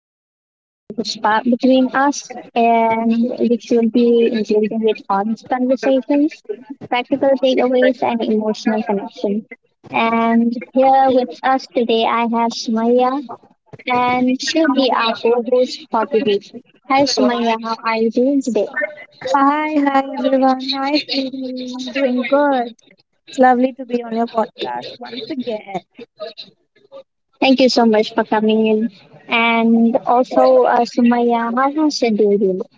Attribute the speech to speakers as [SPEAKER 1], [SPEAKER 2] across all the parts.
[SPEAKER 1] which is designed to spark between us, and which will be including with honest conversations, practical takeaways, and emotional connection. And here with us today, I have Sumaya, and she'll be our co host for today. Hi, Sumaya, how are you doing today?
[SPEAKER 2] Hi, hi everyone. Hi, Sweetie. I'm doing good. It's lovely to be on your podcast once again.
[SPEAKER 1] Thank you so much for coming in. And also, Sumaya, how has your day been?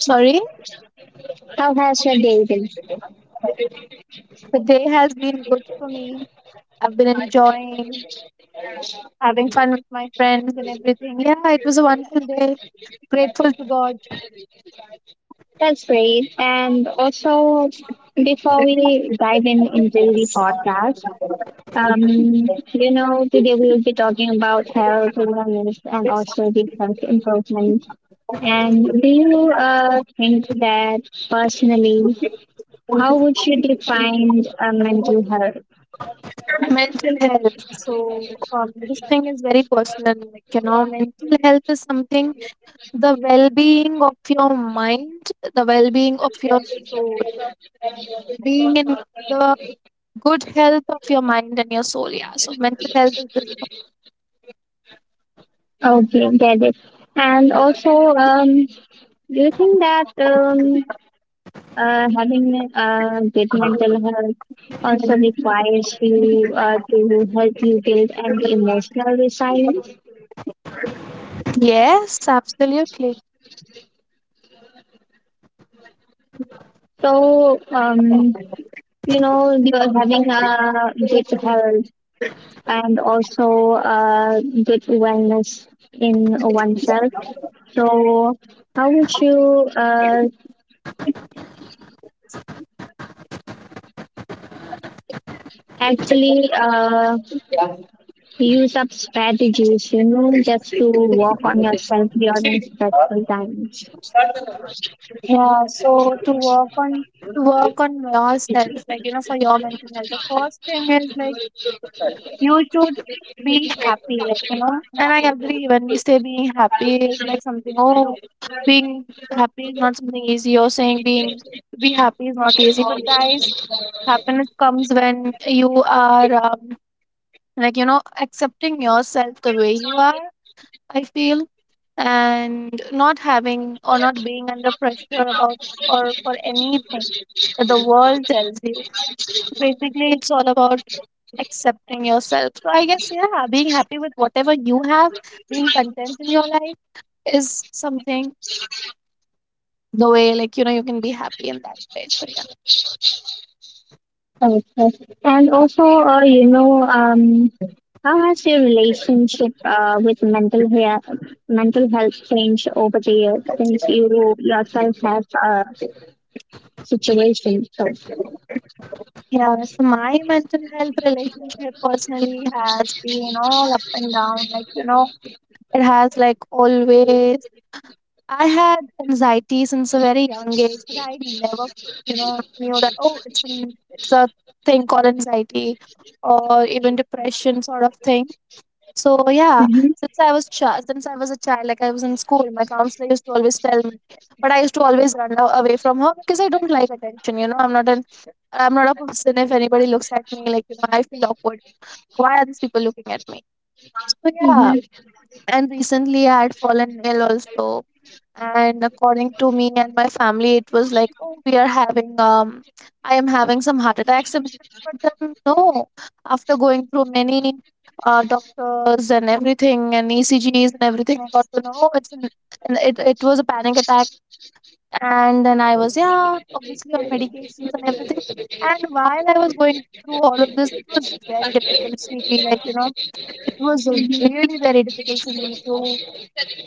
[SPEAKER 2] Sorry,
[SPEAKER 1] How has your day been?
[SPEAKER 2] the day has been good for me. I've been enjoying having fun with my friends and everything. Yeah, it was a wonderful day. Grateful to God.
[SPEAKER 1] That's great. And also, before we dive in into the podcast, today we will be talking about health awareness and also the health improvement. And do you think that personally, how would you define mental health?
[SPEAKER 2] Mental health, so this thing is very personal, mental health is something, the well-being of your mind, the well-being of your soul, being in the good health of your mind and your soul. Yeah, so mental health is this.
[SPEAKER 1] Okay, get it. And also, do you think that having good mental health also requires you to help you build an emotional resilience?
[SPEAKER 2] Yes, absolutely.
[SPEAKER 1] So, you're having a good health and also good wellness in oneself. So, how would you actually, use up strategies, just to work on yourself during stressful times.
[SPEAKER 2] Yeah, so to work on to work on yourself, for your mental health, the first thing is like, you should be happy, And I agree, when we say being happy is like something, oh, being happy is not something easy, or saying being to be happy is not easy. But guys, happiness comes when you are accepting yourself the way you are, I feel, and not having or not being under pressure about or for anything that the world tells you. Basically, it's all about accepting yourself. So I guess, yeah, being happy with whatever you have, being content in your life is something, the way, you can be happy in that way. So, yeah.
[SPEAKER 1] Okay. And also, how has your relationship with mental health changed over the years since you yourself have a situation.
[SPEAKER 2] Yeah, so my mental health relationship personally has been all up and down. It has like always, I had anxiety since a very young age, but I never, knew that, oh, it's, an, it's a thing called anxiety or even depression sort of thing. So yeah,
[SPEAKER 1] Mm-hmm.
[SPEAKER 2] since I was a child, like I was in school, my counselor used to always tell me, but I used to always away from her because I don't like attention. You know, I'm not a person. If anybody looks at me, I feel awkward. Why are these people looking at me? So yeah,
[SPEAKER 1] Mm-hmm.
[SPEAKER 2] and recently I had fallen ill also, and according to me and my family it was like, oh, we are having I am having some heart attack symptoms. But then no, after going through many doctors and everything, and ecgs and everything, I got to know it's an- it was a panic attack. And then I was, yeah, obviously on medications and everything. And while I was going through all of this, it was very difficult sleeping, it was really very difficult for me to,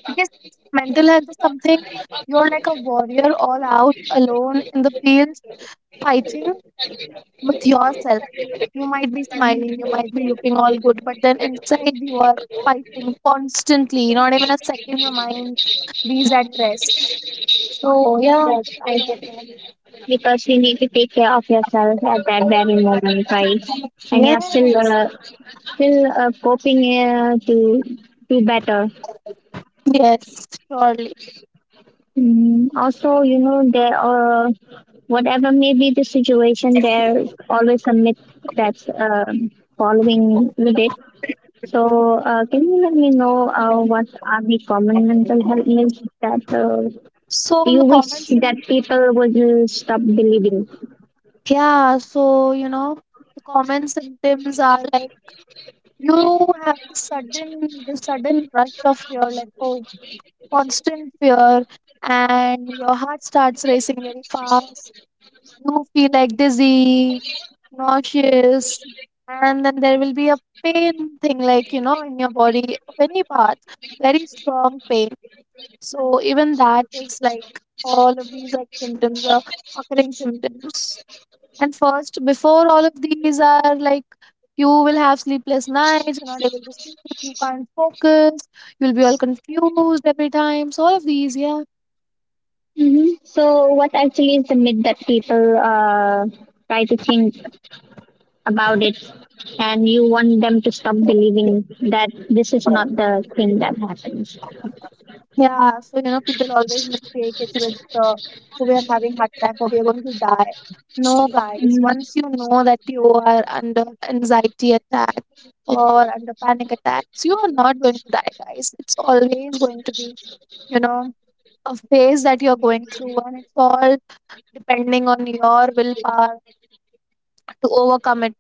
[SPEAKER 2] because mental health is something, you're like a warrior all out alone in the fields, fighting with yourself. You might be smiling, you might be looking all good, but then inside you are fighting constantly. Not even a second your mind bees at rest. So yeah,
[SPEAKER 1] Yes, I do. Because you need to take care of yourself at that very moment, right? And you're still
[SPEAKER 2] yes,
[SPEAKER 1] coping to do better.
[SPEAKER 2] yes, surely.
[SPEAKER 1] Also, you know there are whatever may be the situation, there's always a myth that's following with it. So, can you let me know what are the common mental health myths that
[SPEAKER 2] So
[SPEAKER 1] you
[SPEAKER 2] the
[SPEAKER 1] wish
[SPEAKER 2] common
[SPEAKER 1] that
[SPEAKER 2] symptoms,
[SPEAKER 1] people would stop believing?
[SPEAKER 2] yeah. So you know, the common symptoms are like, you have the sudden rush of fear, like, oh, constant fear, and your heart starts racing very fast. You feel like dizzy, nauseous, and then there will be a pain thing, in your body, of any part, very strong pain. So, even that is like, all of these like symptoms are occurring symptoms. And first, before all of these are like, you will have sleepless nights, you're not able to sleep, you can't focus, you'll be all confused every time. So all of these, yeah.
[SPEAKER 1] So, what actually is the myth that people try to think about it, and you want them to stop believing that this is not the thing that happens?
[SPEAKER 2] Yeah, so you know, people always mistake it with, we are having heart attack or we are going to die. No, guys,
[SPEAKER 1] Mm,
[SPEAKER 2] once you know that you are under anxiety attack or under panic attacks, you are not going to die, guys. It's always going to be, you know, a phase that you're going through, and it's all depending on your willpower to overcome it.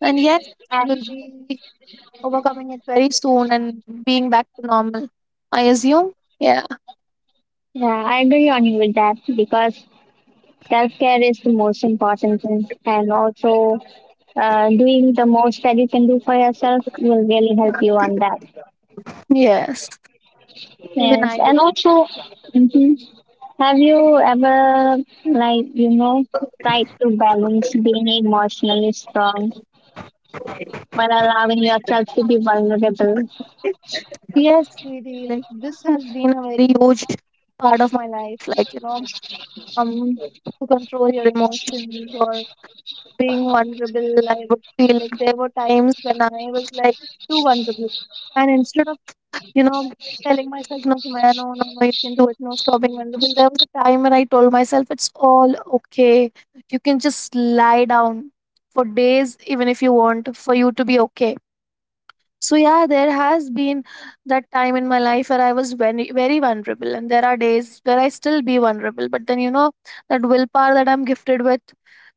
[SPEAKER 2] And yes, you'll
[SPEAKER 1] I-
[SPEAKER 2] be overcoming it very soon and being back to normal, I assume. Yeah,
[SPEAKER 1] yeah, I agree on you with that because self care is the most important thing, and also doing the most that you can do for yourself will really help you on that.
[SPEAKER 2] yes, even
[SPEAKER 1] Yes,
[SPEAKER 2] I do.
[SPEAKER 1] and also, mhm. Have you ever, like, tried to balance being emotionally strong while allowing yourself to be vulnerable?
[SPEAKER 2] Yes, sweetie, like this has been a very huge part of my life. Um, to control your emotions or being vulnerable. I would feel like there were times when I was like too vulnerable. And instead of, you know, telling myself, no, Sumaya, no, no, no, you can do it, no, stop being vulnerable, there was a time when I told myself, it's all okay. You can just lie down for days, even if you want, for you to be okay. So yeah, there has been that time in my life where I was very very vulnerable, and there are days where I still be vulnerable. But then you know, that willpower that I'm gifted with,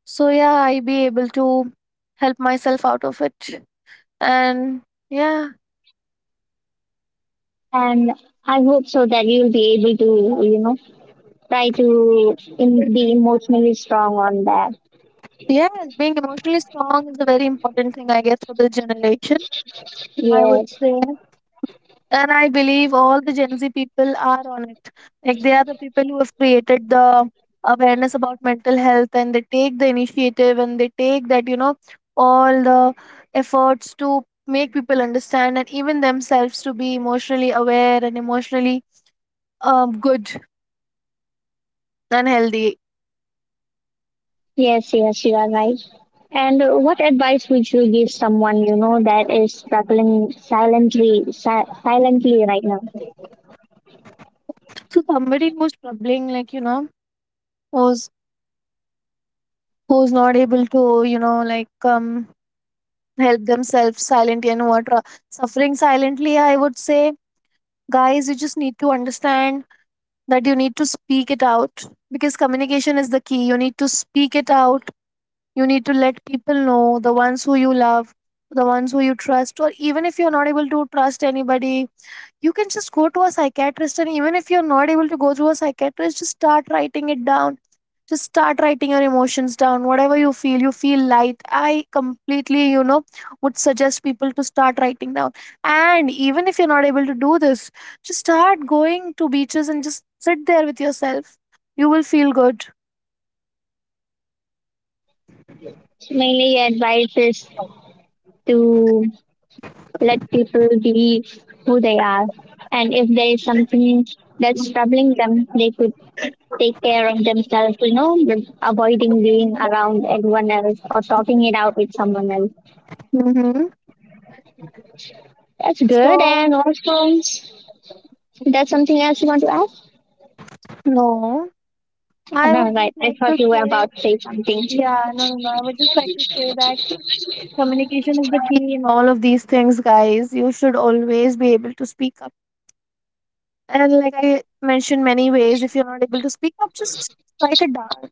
[SPEAKER 2] so yeah, I be able to help myself out of it. And yeah,
[SPEAKER 1] And I hope so that you'll be able to, try to be emotionally strong on that.
[SPEAKER 2] yeah, being emotionally strong is a very important thing, I guess, for this generation. I would
[SPEAKER 1] Yes,
[SPEAKER 2] say. And I believe all the Gen Z people are on it, like, they are the people who have created the awareness about mental health, and they take the initiative, and they take that, you know, all the efforts to make people understand and even themselves to be emotionally aware and emotionally good and healthy.
[SPEAKER 1] yes, yes, you are right. And what advice would you give someone you know that is struggling silently silently right now?
[SPEAKER 2] So somebody who's struggling, who's who's not able to, help themselves silently, and who are suffering silently, I would say, guys, you just need to understand that you need to speak it out, because communication is the key. You need to speak it out, you need to let people know, the ones who you love, the ones who you trust. Or even if you're not able to trust anybody, you can just go to a psychiatrist. And even if you're not able to go to a psychiatrist, just start writing it down. Just start writing your emotions down, whatever you feel, you feel light. I completely, you know, would suggest people to start writing down. And even if you're not able to do this, just start going to beaches and just sit there with yourself. You will feel good.
[SPEAKER 1] Mainly, your advice is to let people be who they are. And if there is something that's troubling them, they could take care of themselves, with avoiding being around everyone else or talking it out with someone else.
[SPEAKER 2] Mm-hmm.
[SPEAKER 1] That's good.
[SPEAKER 2] So
[SPEAKER 1] And also, that's something else you want to ask?
[SPEAKER 2] no, I would
[SPEAKER 1] All right.
[SPEAKER 2] just
[SPEAKER 1] I
[SPEAKER 2] like to
[SPEAKER 1] thought you were
[SPEAKER 2] say,
[SPEAKER 1] about to say something.
[SPEAKER 2] yeah, no, no, no, I would just like to say that communication is the key in all of these things, guys. You should always be able to speak up, and like I mentioned, many ways if you're not able to speak up, just write it down,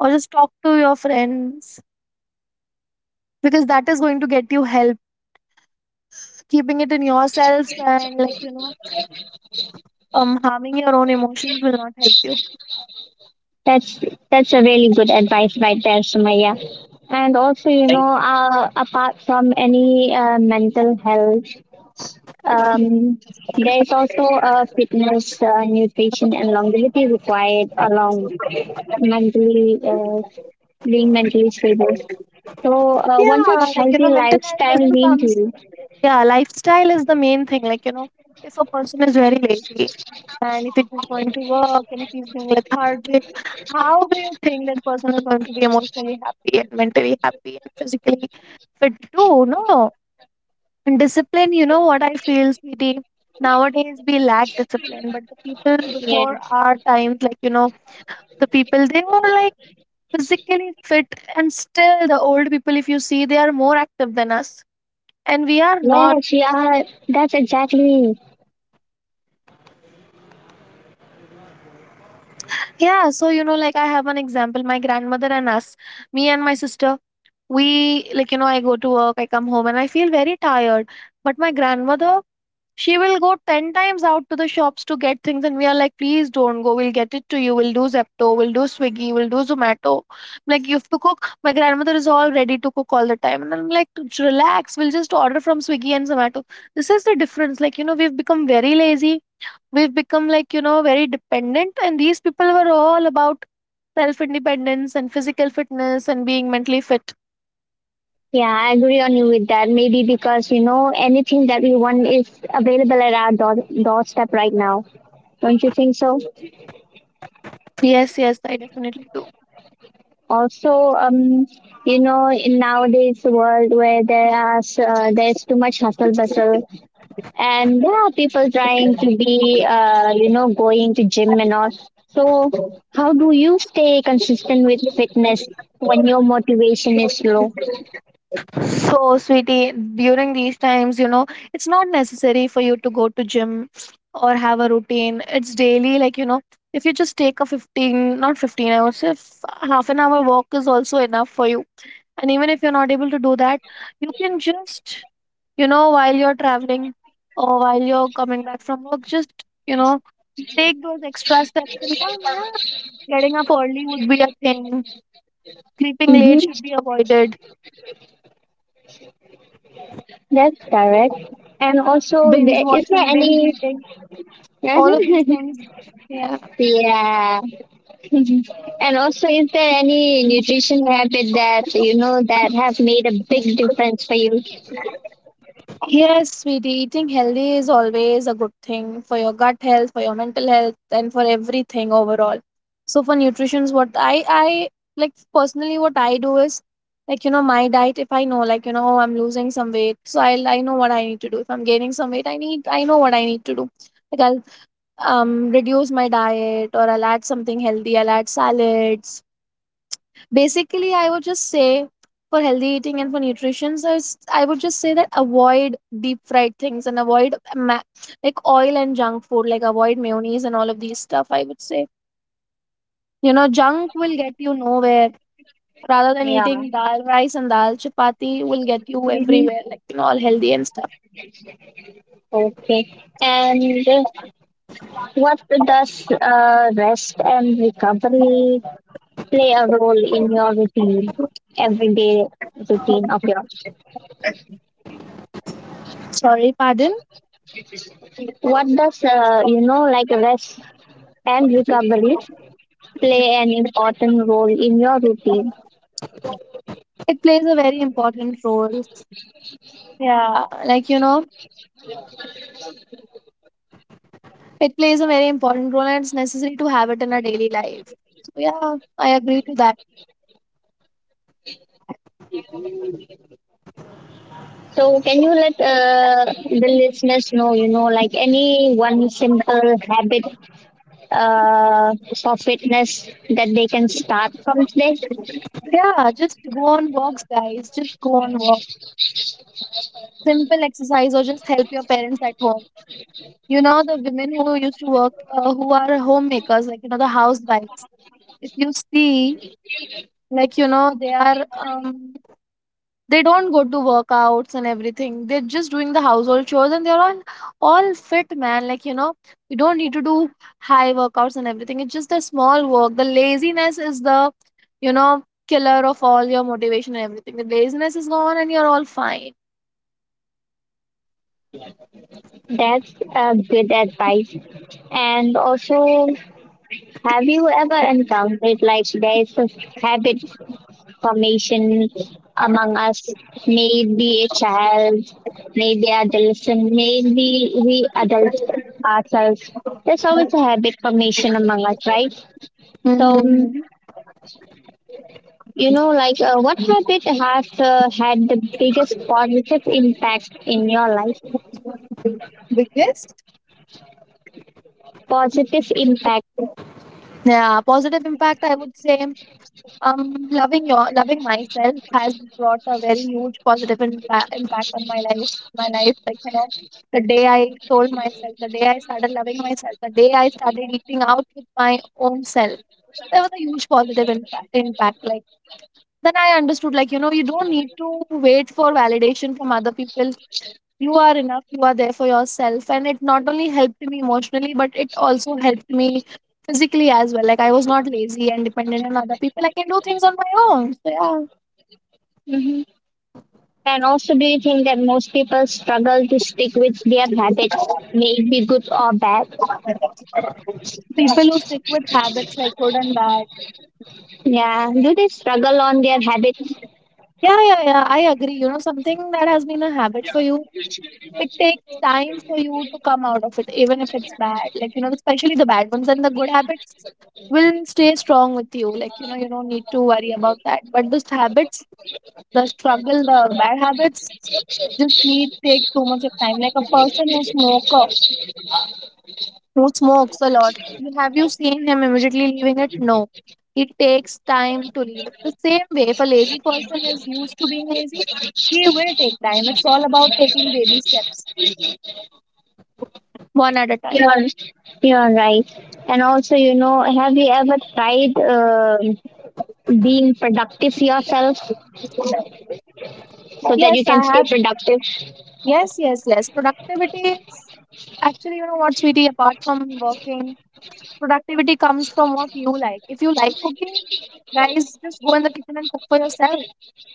[SPEAKER 2] or just talk to your friends, because that is going to get you help. Keeping it in yourselves and harming your own emotions will not help you.
[SPEAKER 1] That's that's a really good advice right there, Sumaya. And also, apart from any mental health, Um, there is also a fitness, nutrition, and longevity required along mentally, being mentally stable. So, what does
[SPEAKER 2] Yeah,
[SPEAKER 1] healthy
[SPEAKER 2] mental health
[SPEAKER 1] lifestyle
[SPEAKER 2] doesn't
[SPEAKER 1] mean to
[SPEAKER 2] comes,
[SPEAKER 1] you?
[SPEAKER 2] yeah, lifestyle is the main thing, if a person is very lazy, and if it is going to work, and if he's being lethargic, how do you think that person is going to be emotionally happy and mentally happy and physically fit too? No. And discipline, you know what I feel, CD? Nowadays we lack discipline, but the people before
[SPEAKER 1] Yes,
[SPEAKER 2] our times, the people, they were like physically fit, and still the old people, if you see, they are more active than us. And we are not.
[SPEAKER 1] yes, yeah, that's exactly.
[SPEAKER 2] Yeah, so you know, like I have an example, my grandmother and us, me and my sister, we, I go to work, I come home and I feel very tired. But my grandmother, she will go 10 times out to the shops to get things, and we are like, please don't go, we'll get it to you, we'll do Zepto, we'll do Swiggy, we'll do Zomato. I'm like, you have to cook. My grandmother is all ready to cook all the time, and I'm like, "Just relax, we'll just order from Swiggy and Zomato." This is the difference, we've become very lazy, we've become very dependent, and these people were all about self independence and physical fitness and being mentally fit.
[SPEAKER 1] Yeah, I agree on you with that. Maybe because you know anything that we want is available at our doorstep right now. Don't you think so?
[SPEAKER 2] Yes, yes, I definitely do.
[SPEAKER 1] Also, um, in nowadays world where there's too much hustle bustle, and there are people trying to be, going to gym and all. So, how do you stay consistent with fitness when your motivation is low?
[SPEAKER 2] So, sweetie, during these times, you know, it's not necessary for you to go to gym or have a routine. It's daily, like, you know, if you just take a 15, not 15, I would say, half an hour walk is also enough for you. And even if you're not able to do that, you can just, you know, while you're traveling or while you're coming back from work, just, you know, take those extra steps and come. Yeah, getting up early would be a thing. Sleeping late should
[SPEAKER 1] Mm-hmm.
[SPEAKER 2] be avoided,
[SPEAKER 1] That's correct. And also,
[SPEAKER 2] binge
[SPEAKER 1] is there
[SPEAKER 2] watching, binge
[SPEAKER 1] any?
[SPEAKER 2] eating, all of these things. Yeah.
[SPEAKER 1] yeah, Mhm. And also, is there any nutrition habit that you know that have made a big difference for you?
[SPEAKER 2] Yes, sweetie, eating healthy is always a good thing for your gut health, for your mental health, and for everything overall. So for nutrition's what I like personally what I do is like you know my diet. If I know like you know oh, I'm losing some weight, so I know what I need to do. If I'm gaining some weight, I know what I need to do. Like I'll reduce my diet or I'll add something healthy, I'll add salads. Basically I would just say for healthy eating and for nutrition, so I would just say that avoid deep fried things and avoid like oil and junk food, like avoid mayonnaise and all of these stuff. I would say you know junk will get you nowhere rather than
[SPEAKER 1] Yeah.
[SPEAKER 2] eating dal rice, and dal chapati will get you
[SPEAKER 1] hmm
[SPEAKER 2] everywhere, like you know, all healthy and stuff.
[SPEAKER 1] Okay. And what does rest and recovery play a role in your routine, everyday routine of yours?
[SPEAKER 2] Sorry, pardon.
[SPEAKER 1] What does like rest and recovery play an important role in your routine?
[SPEAKER 2] It plays a very important role. Yeah, like you know, it plays a very important role and it's necessary to have it in our daily life. So yeah, I agree to that.
[SPEAKER 1] So can you let the listeners know, like any one simple habit uh, for fitness that they can start from today?
[SPEAKER 2] Yeah, just go on walks, guys. Just go on walk. Simple exercise or just help your parents at home. You know, the women who used to work, who are homemakers, like, you know, the housewives. If you see, like, you know, they are they don't go to workouts and everything, they're just doing the household chores and they're all fit, man. Like you know, you don't need to do high workouts and everything. It's just the small work. The laziness is the, you know, killer of all your motivation and everything. The laziness is gone and you're all fine.
[SPEAKER 1] That's a good advice. And also, have you ever encountered like there is a habit formation among us? Maybe a child, maybe adolescent, maybe we adults ourselves. There's always a habit formation among us, right? So,
[SPEAKER 2] Mm-hmm.
[SPEAKER 1] like what habit has had the biggest positive impact in your life?
[SPEAKER 2] Biggest?
[SPEAKER 1] Positive impact.
[SPEAKER 2] Yeah, positive impact, I would say. Loving myself has brought a very huge positive impact on my life. My life, like you know, the day I told myself, the day I started loving myself, the day I started eating out with my own self, there was a huge positive impact. Then I understood, like you know, you don't need to wait for validation from other people. You are enough, you are there for yourself. And it not only helped me emotionally, but it also helped me physically as well. Like I was not lazy and dependent on other people, I can do things on my own. So yeah,
[SPEAKER 1] Hmm And also, do you think that most people struggle to stick with their habits, may it be good or bad?
[SPEAKER 2] people who stick with habits like good and bad,
[SPEAKER 1] Yeah, do they struggle on their habits?
[SPEAKER 2] yeah, I agree. You know something that has been a habit for you, it takes time for you to come out of it, even if it's bad, like you know, especially the bad ones. And the good habits will stay strong with you, like you know, you don't need to worry about that. But those habits, the struggle, the bad habits just need take too much of time. Like a person who smoker who smokes a lot, you seen him immediately leaving it? No. It takes time to leave it. The same way, if a lazy person is used to being lazy, he will take time. It's all about taking baby steps, one at a time.
[SPEAKER 1] You're, you're right. And also, have you ever tried being productive yourself so that you
[SPEAKER 2] Yes,
[SPEAKER 1] can
[SPEAKER 2] I
[SPEAKER 1] stay
[SPEAKER 2] have.
[SPEAKER 1] productive?
[SPEAKER 2] Yes. Productivity is actually, you know what, sweetie, apart from working, productivity comes from what you like. If you like cooking, guys, just go in the kitchen and cook for yourself.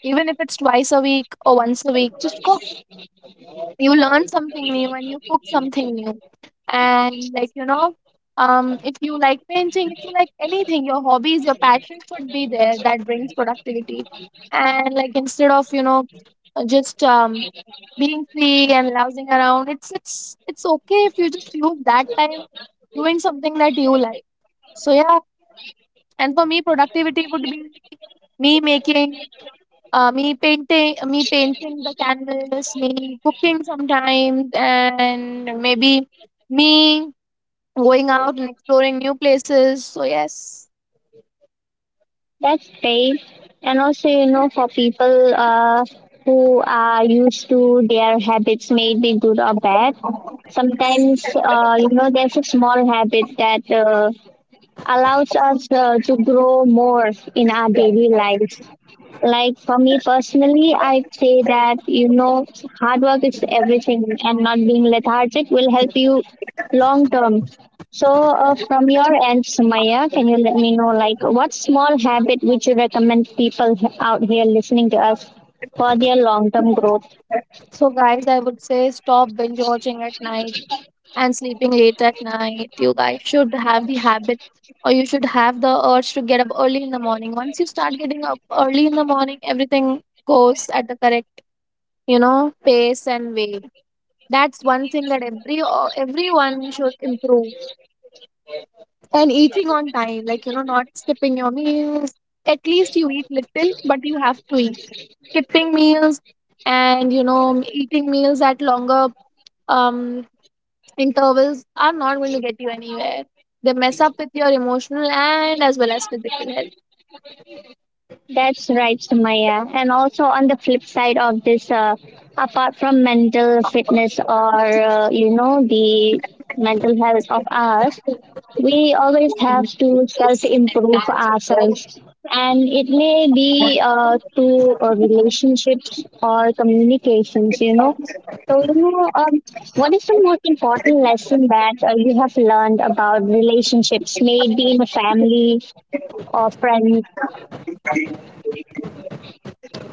[SPEAKER 2] Even if it's twice a week or once a week, just cook. You learn something new and you cook something new. And like, you know, if you like painting, if you like anything, your hobbies, your passion should be there. That brings productivity. And like instead of, you know, just being free and lousing around, it's okay if you just use that time doing something that you like. So yeah, and for me, productivity would be me making, me painting, the canvas, me cooking sometimes, and maybe me going out and exploring new places. So yes.
[SPEAKER 1] That's great. And also, for people who are used to their habits, maybe good or bad, sometimes, there's a small habit that allows us to grow more in our daily life. Like for me personally, I say that, hard work is everything and not being lethargic will help you long term. So, from your end, Sumaya, can you let me know, like, what small habit would you recommend people out here listening to us for their long term growth?
[SPEAKER 2] So guys, I would say stop binge watching at night and sleeping late at night. You guys should have the habit or you should have the urge to get up early in the morning. Once you start getting up early in the morning, everything goes at the correct, you know, pace and way. That's one thing that every everyone should improve. And eating on time, like you know, not skipping your meals. At least you eat little, but you have to eat. Skipping meals and you know eating meals at longer um intervals are not going to get you anywhere. They mess up with your emotional and as well as physical health.
[SPEAKER 1] That's right, Sumaya. And also on the flip side of this, apart from mental fitness or the mental health of us, we always have to self improve ourselves, and it may be to relationships or communications. So what is the most important lesson that you have learned about relationships, maybe in a family or friends?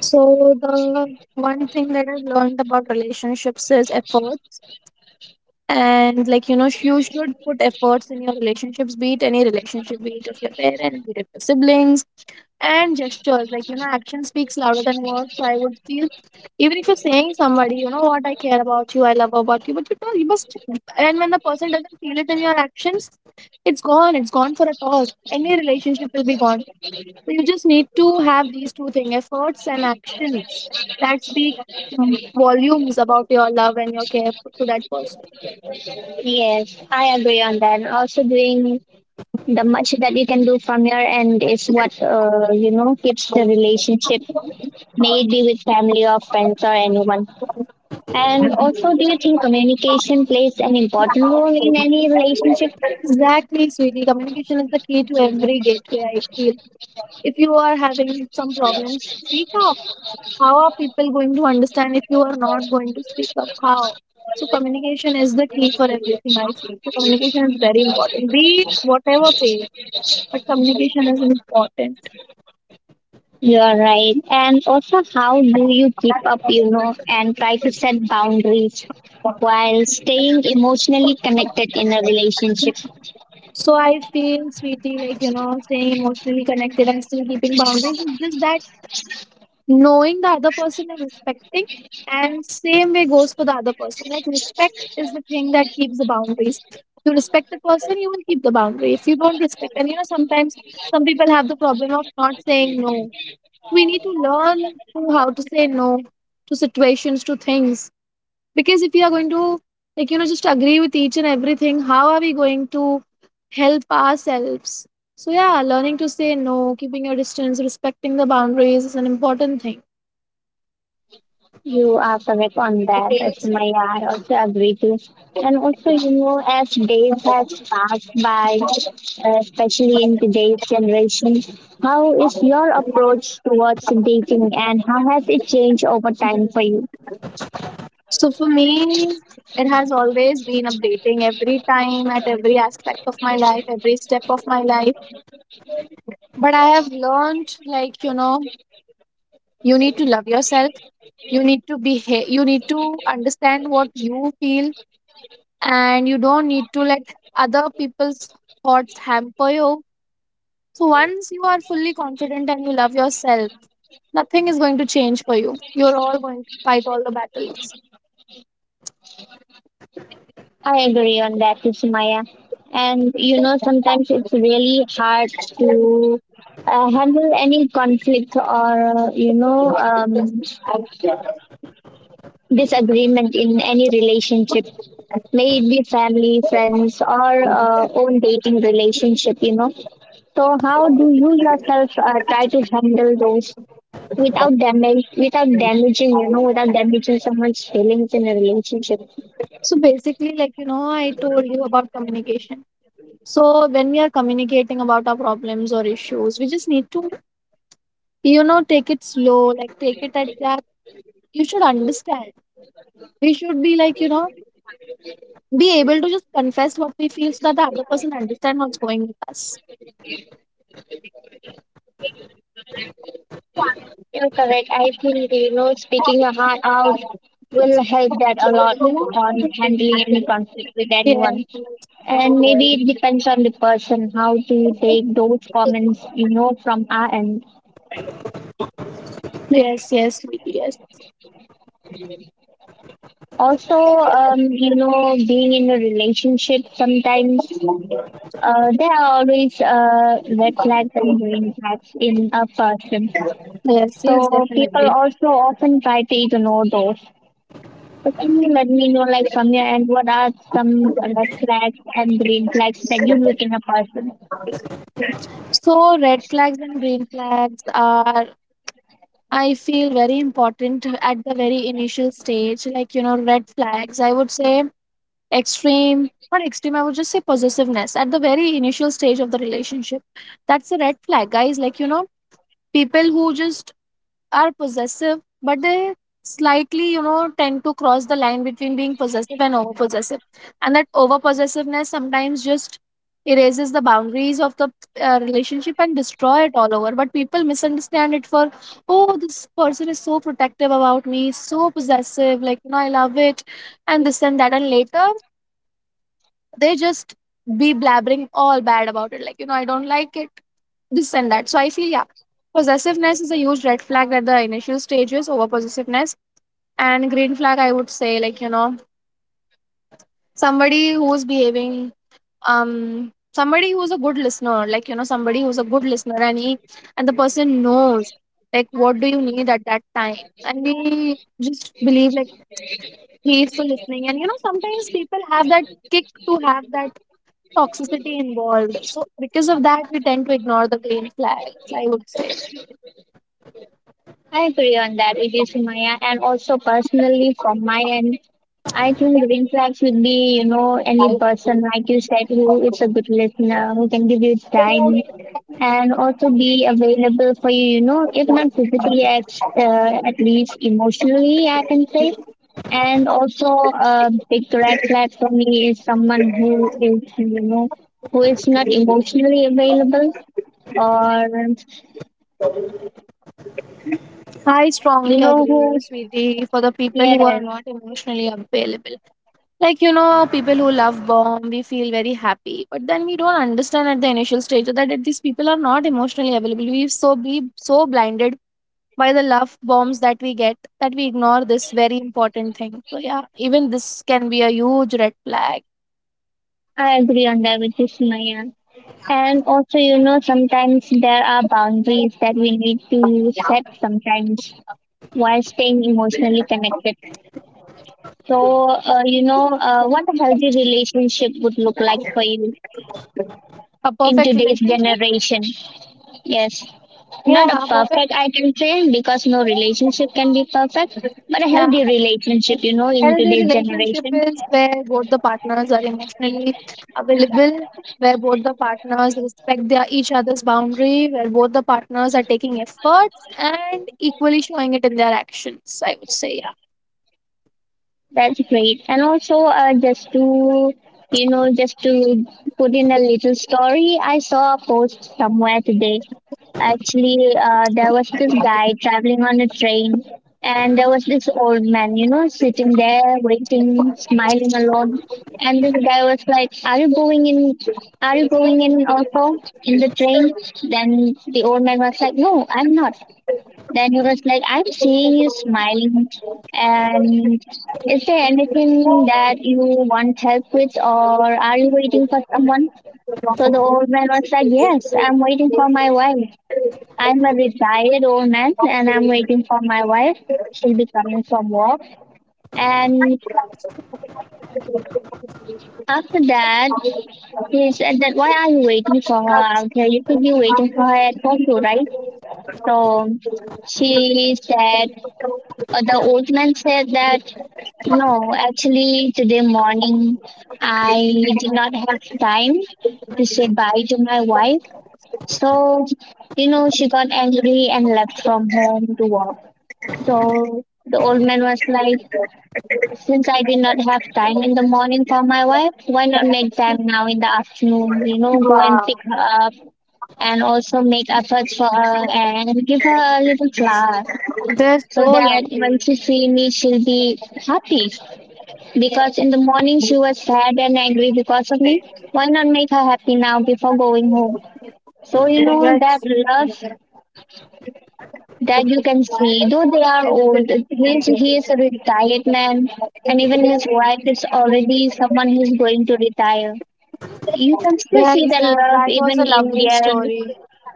[SPEAKER 2] So the one thing that I've learned about relationships is effort. And like you know, you should put efforts in your relationships, be it any relationship, be it of your parents, be it of your siblings. And gestures, like you know, action speaks louder than words. So I would feel even if you're saying somebody you know what, I care about you, I love about you, but you know you must, and when the person doesn't feel it in your actions, it's gone. It's gone for a toss, any relationship will be gone. So you just need to have these two things: efforts and actions that speak volumes about your love and your care to that person.
[SPEAKER 1] Yes, I agree on that. Also, doing the much that you can do from your end is what keeps the relationship, may it be with family or friends or anyone. And also, do you think communication plays an important role in any relationship?
[SPEAKER 2] Exactly, sweetie. Communication is the key to every gateway, I feel. If you are having some problems, speak up. How are people going to understand if you are not going to speak up? How? So, communication is the key for everything, I feel. So, communication is very important. Be it whatever pay, but communication is important.
[SPEAKER 1] You are right. And also, how do you keep up, and try to set boundaries while staying emotionally connected in a relationship?
[SPEAKER 2] So, I feel, sweetie, like, you know, staying emotionally connected and still keeping boundaries is just that knowing the other person and respecting. And same way goes for the other person. Like respect is the thing that keeps the boundaries. If you respect the person, you will keep the boundary. If you don't respect, and you know sometimes some people have the problem of not saying no. We need to learn to how to say no, to situations, to things. Because if we are going to, like you know, just agree with each and everything, how are we going to help ourselves? So yeah, learning to say no, keeping your distance, respecting the boundaries is an important thing.
[SPEAKER 1] You are correct on that, Sumaya. I also agree to. And also, as days have passed by, especially in today's generation, how is your approach towards dating and how has it changed over time for you?
[SPEAKER 2] So for me, it has always been updating every time at every aspect of my life, every step of my life. But I have learned, like, you know, you need to love yourself. You need to behave, you need to understand what you feel, and you don't need to let other people's thoughts hamper you. So once you are fully confident and you love yourself, nothing is going to change for you. You're all going to fight all the battles.
[SPEAKER 1] I agree on that, Sumaya. And sometimes it's really hard to handle any conflicts or disagreement in any relationship, may it be family, friends, or own dating relationship. So, how do you yourself try to handle those without damage, without damaging, you know, without damaging someone's feelings in a relationship?
[SPEAKER 2] So basically, like, you know, I told you about communication. So when we are communicating about our problems or issues, we just need to, you know, take it slow, like take it at that. You should understand. We should be like, you know, be able to just confess what we feel so that the other person understand what's going with us.
[SPEAKER 1] You're correct. I think speaking a heart out will help that a lot on handling any conflict with
[SPEAKER 2] Yeah.
[SPEAKER 1] anyone. And maybe it depends on the person how to take those comments, from our end.
[SPEAKER 2] Yes, yes, yes,
[SPEAKER 1] Also, being in a relationship sometimes there are always red flags and green flags in a person.
[SPEAKER 2] yes,
[SPEAKER 1] So people
[SPEAKER 2] definitely.
[SPEAKER 1] also often try to ignore those. So, can you let me know, like, from your end, what are some red flags and green flags that you look in a person?
[SPEAKER 2] So red flags and green flags are, I feel, very important at the very initial stage, like, you know. Red flags, I would say extreme, not extreme, I would just say possessiveness at the very initial stage of the relationship. That's a red flag, guys. Like, you know, people who just are possessive, but they slightly, you know, tend to cross the line between being possessive and over possessive. And that over possessiveness sometimes just erases the boundaries of the relationship and destroy it all over. But people misunderstand it for, oh, this person is so protective about me, so possessive, like, you know, I love it, and this and that. And later they just be blabbering all bad about it, like, you know, I don't like it, this and that. So I feel yeah, possessiveness is a huge red flag at the initial stages, over possessiveness. And green flag, I would say like you know somebody who's behaving, somebody who's a good listener like you know somebody who's a good listener, and he and the person knows like what do you need at that time. And we just believe like he's still listening. And you know sometimes people have that kick to have that toxicity involved, so because of that we tend to ignore the green flags, I would say.
[SPEAKER 1] I agree on that, it is Maya, and also personally from my end, I think green flags would be, any person like you said who is a good listener, who can give you time, and also be available for you. You know, if not physically, at least emotionally, I can say. And also, a big red flag for me is someone who is, who is not emotionally available, or
[SPEAKER 2] I strongly agree,
[SPEAKER 1] who
[SPEAKER 2] sweetie, for the people who are
[SPEAKER 1] Yes,
[SPEAKER 2] not emotionally available. Like, you know, people who love bomb, we feel very happy. But then we don't understand at the initial stage that these people are not emotionally available. We so be so blinded by the love bombs that we get that we ignore this very important thing. So yeah, even this can be a huge red flag.
[SPEAKER 1] I agree on that with you, Sumaya. And also, sometimes there are boundaries that we need to set sometimes while staying emotionally connected. So, what a healthy relationship would look like for you
[SPEAKER 2] A
[SPEAKER 1] in
[SPEAKER 2] perfect
[SPEAKER 1] today's
[SPEAKER 2] relationship?
[SPEAKER 1] generation. Yes, not a
[SPEAKER 2] Yeah, a perfect,
[SPEAKER 1] perfect, I can say, because no relationship can be perfect, but a
[SPEAKER 2] yeah,
[SPEAKER 1] healthy relationship, in
[SPEAKER 2] healthy
[SPEAKER 1] today's
[SPEAKER 2] relationship
[SPEAKER 1] generation.
[SPEAKER 2] is where both the partners are emotionally available, where both the partners respect their each other's boundary, where both the partners are taking efforts and equally showing it in their actions. I would say, yeah.
[SPEAKER 1] That's great. And also, just to, just to put in a little story, I saw a post somewhere today. Actually, there was this guy traveling on a train, and there was this old man, sitting there, waiting, smiling alone. And this guy was like, are you going in? Are you going in also in the train? Then the old man was like, no, I'm not. Then he was like, I'm seeing you smiling. And is there anything that you want help with, or are you waiting for someone? So the old man was like, yes, I'm waiting for my wife. I'm a retired old man and I'm waiting for my wife. She'll be coming from work. And after that, he said that, why are you waiting for her out here? You could be waiting for her at home too, right? So she said, the old man said that no, actually, today morning I did not have time to say bye to my wife. So, she got angry and left from home to work. So the old man was like, since I did not have time in the morning for my wife, why not make time now in the afternoon? Go and pick
[SPEAKER 2] Wow,
[SPEAKER 1] her up and also make efforts for her and give her a little flower
[SPEAKER 2] they're
[SPEAKER 1] so
[SPEAKER 2] so
[SPEAKER 1] that when
[SPEAKER 2] lovely.
[SPEAKER 1] she see me, she'll be happy. Because in the morning she was sad and angry because of me. Why not make her happy now before going home? So you know that
[SPEAKER 2] That's,
[SPEAKER 1] love that you can see, though they are old, he is a retired man, and even his wife is already someone who's going to retire. You can still see
[SPEAKER 2] yes,
[SPEAKER 1] the
[SPEAKER 2] that,
[SPEAKER 1] love
[SPEAKER 2] that was a
[SPEAKER 1] even in
[SPEAKER 2] lovely
[SPEAKER 1] their,
[SPEAKER 2] story.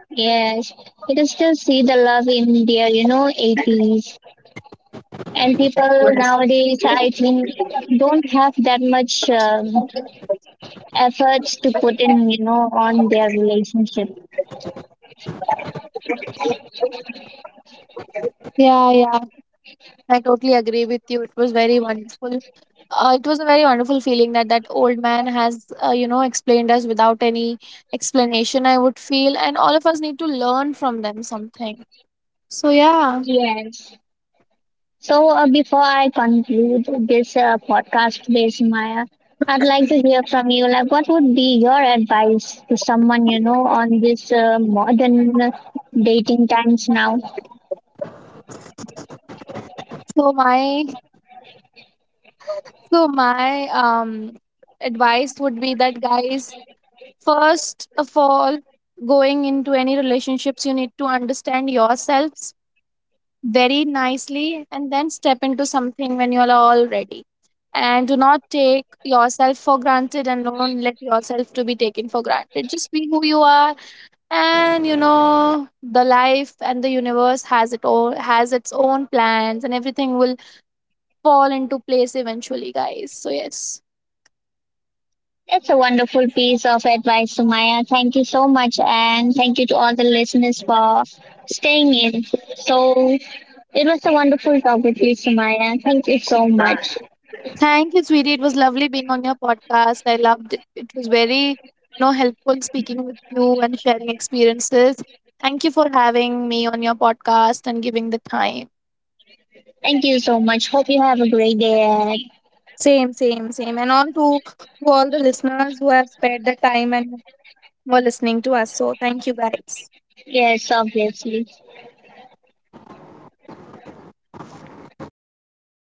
[SPEAKER 1] yes, you can still see the love in their eighties. And people nowadays, I think, don't have that much efforts to put in, on their relationship.
[SPEAKER 2] Yeah, I totally agree with you. It was very wonderful. It was a very wonderful feeling that that old man has, you know, explained us without any explanation, I would feel. And all of us need to learn from them something. So, yeah.
[SPEAKER 1] Yes. So before I conclude this podcast today, Sumaya, I'd like to hear from you. Like, what would be your advice to someone, on this modern dating times now?
[SPEAKER 2] So, my, so my advice would be that, guys, first of all, going into any relationships, you need to understand yourself very nicely and then step into something when you are all ready. And do not take yourself for granted, and don't let yourself to be taken for granted. Just be who you are. And you know the life and the universe has it all, has its own plans, and everything will fall into place eventually, guys. So yes.
[SPEAKER 1] That's a wonderful piece of advice, Sumaya. Thank you so much, and thank you to all the listeners for staying in. So it was a wonderful talk with you, Sumaya. Thank you so much.
[SPEAKER 2] Thank you, sweetie. It was lovely being on your podcast. I loved it. It was very, you know, helpful speaking with you and sharing experiences. Thank you for having me on your podcast and giving the time.
[SPEAKER 1] Thank you so much. Hope you have a great day ahead.
[SPEAKER 2] Same. And all to all the listeners who have spared the time and were listening to us. So thank you, guys.
[SPEAKER 1] Yes, obviously.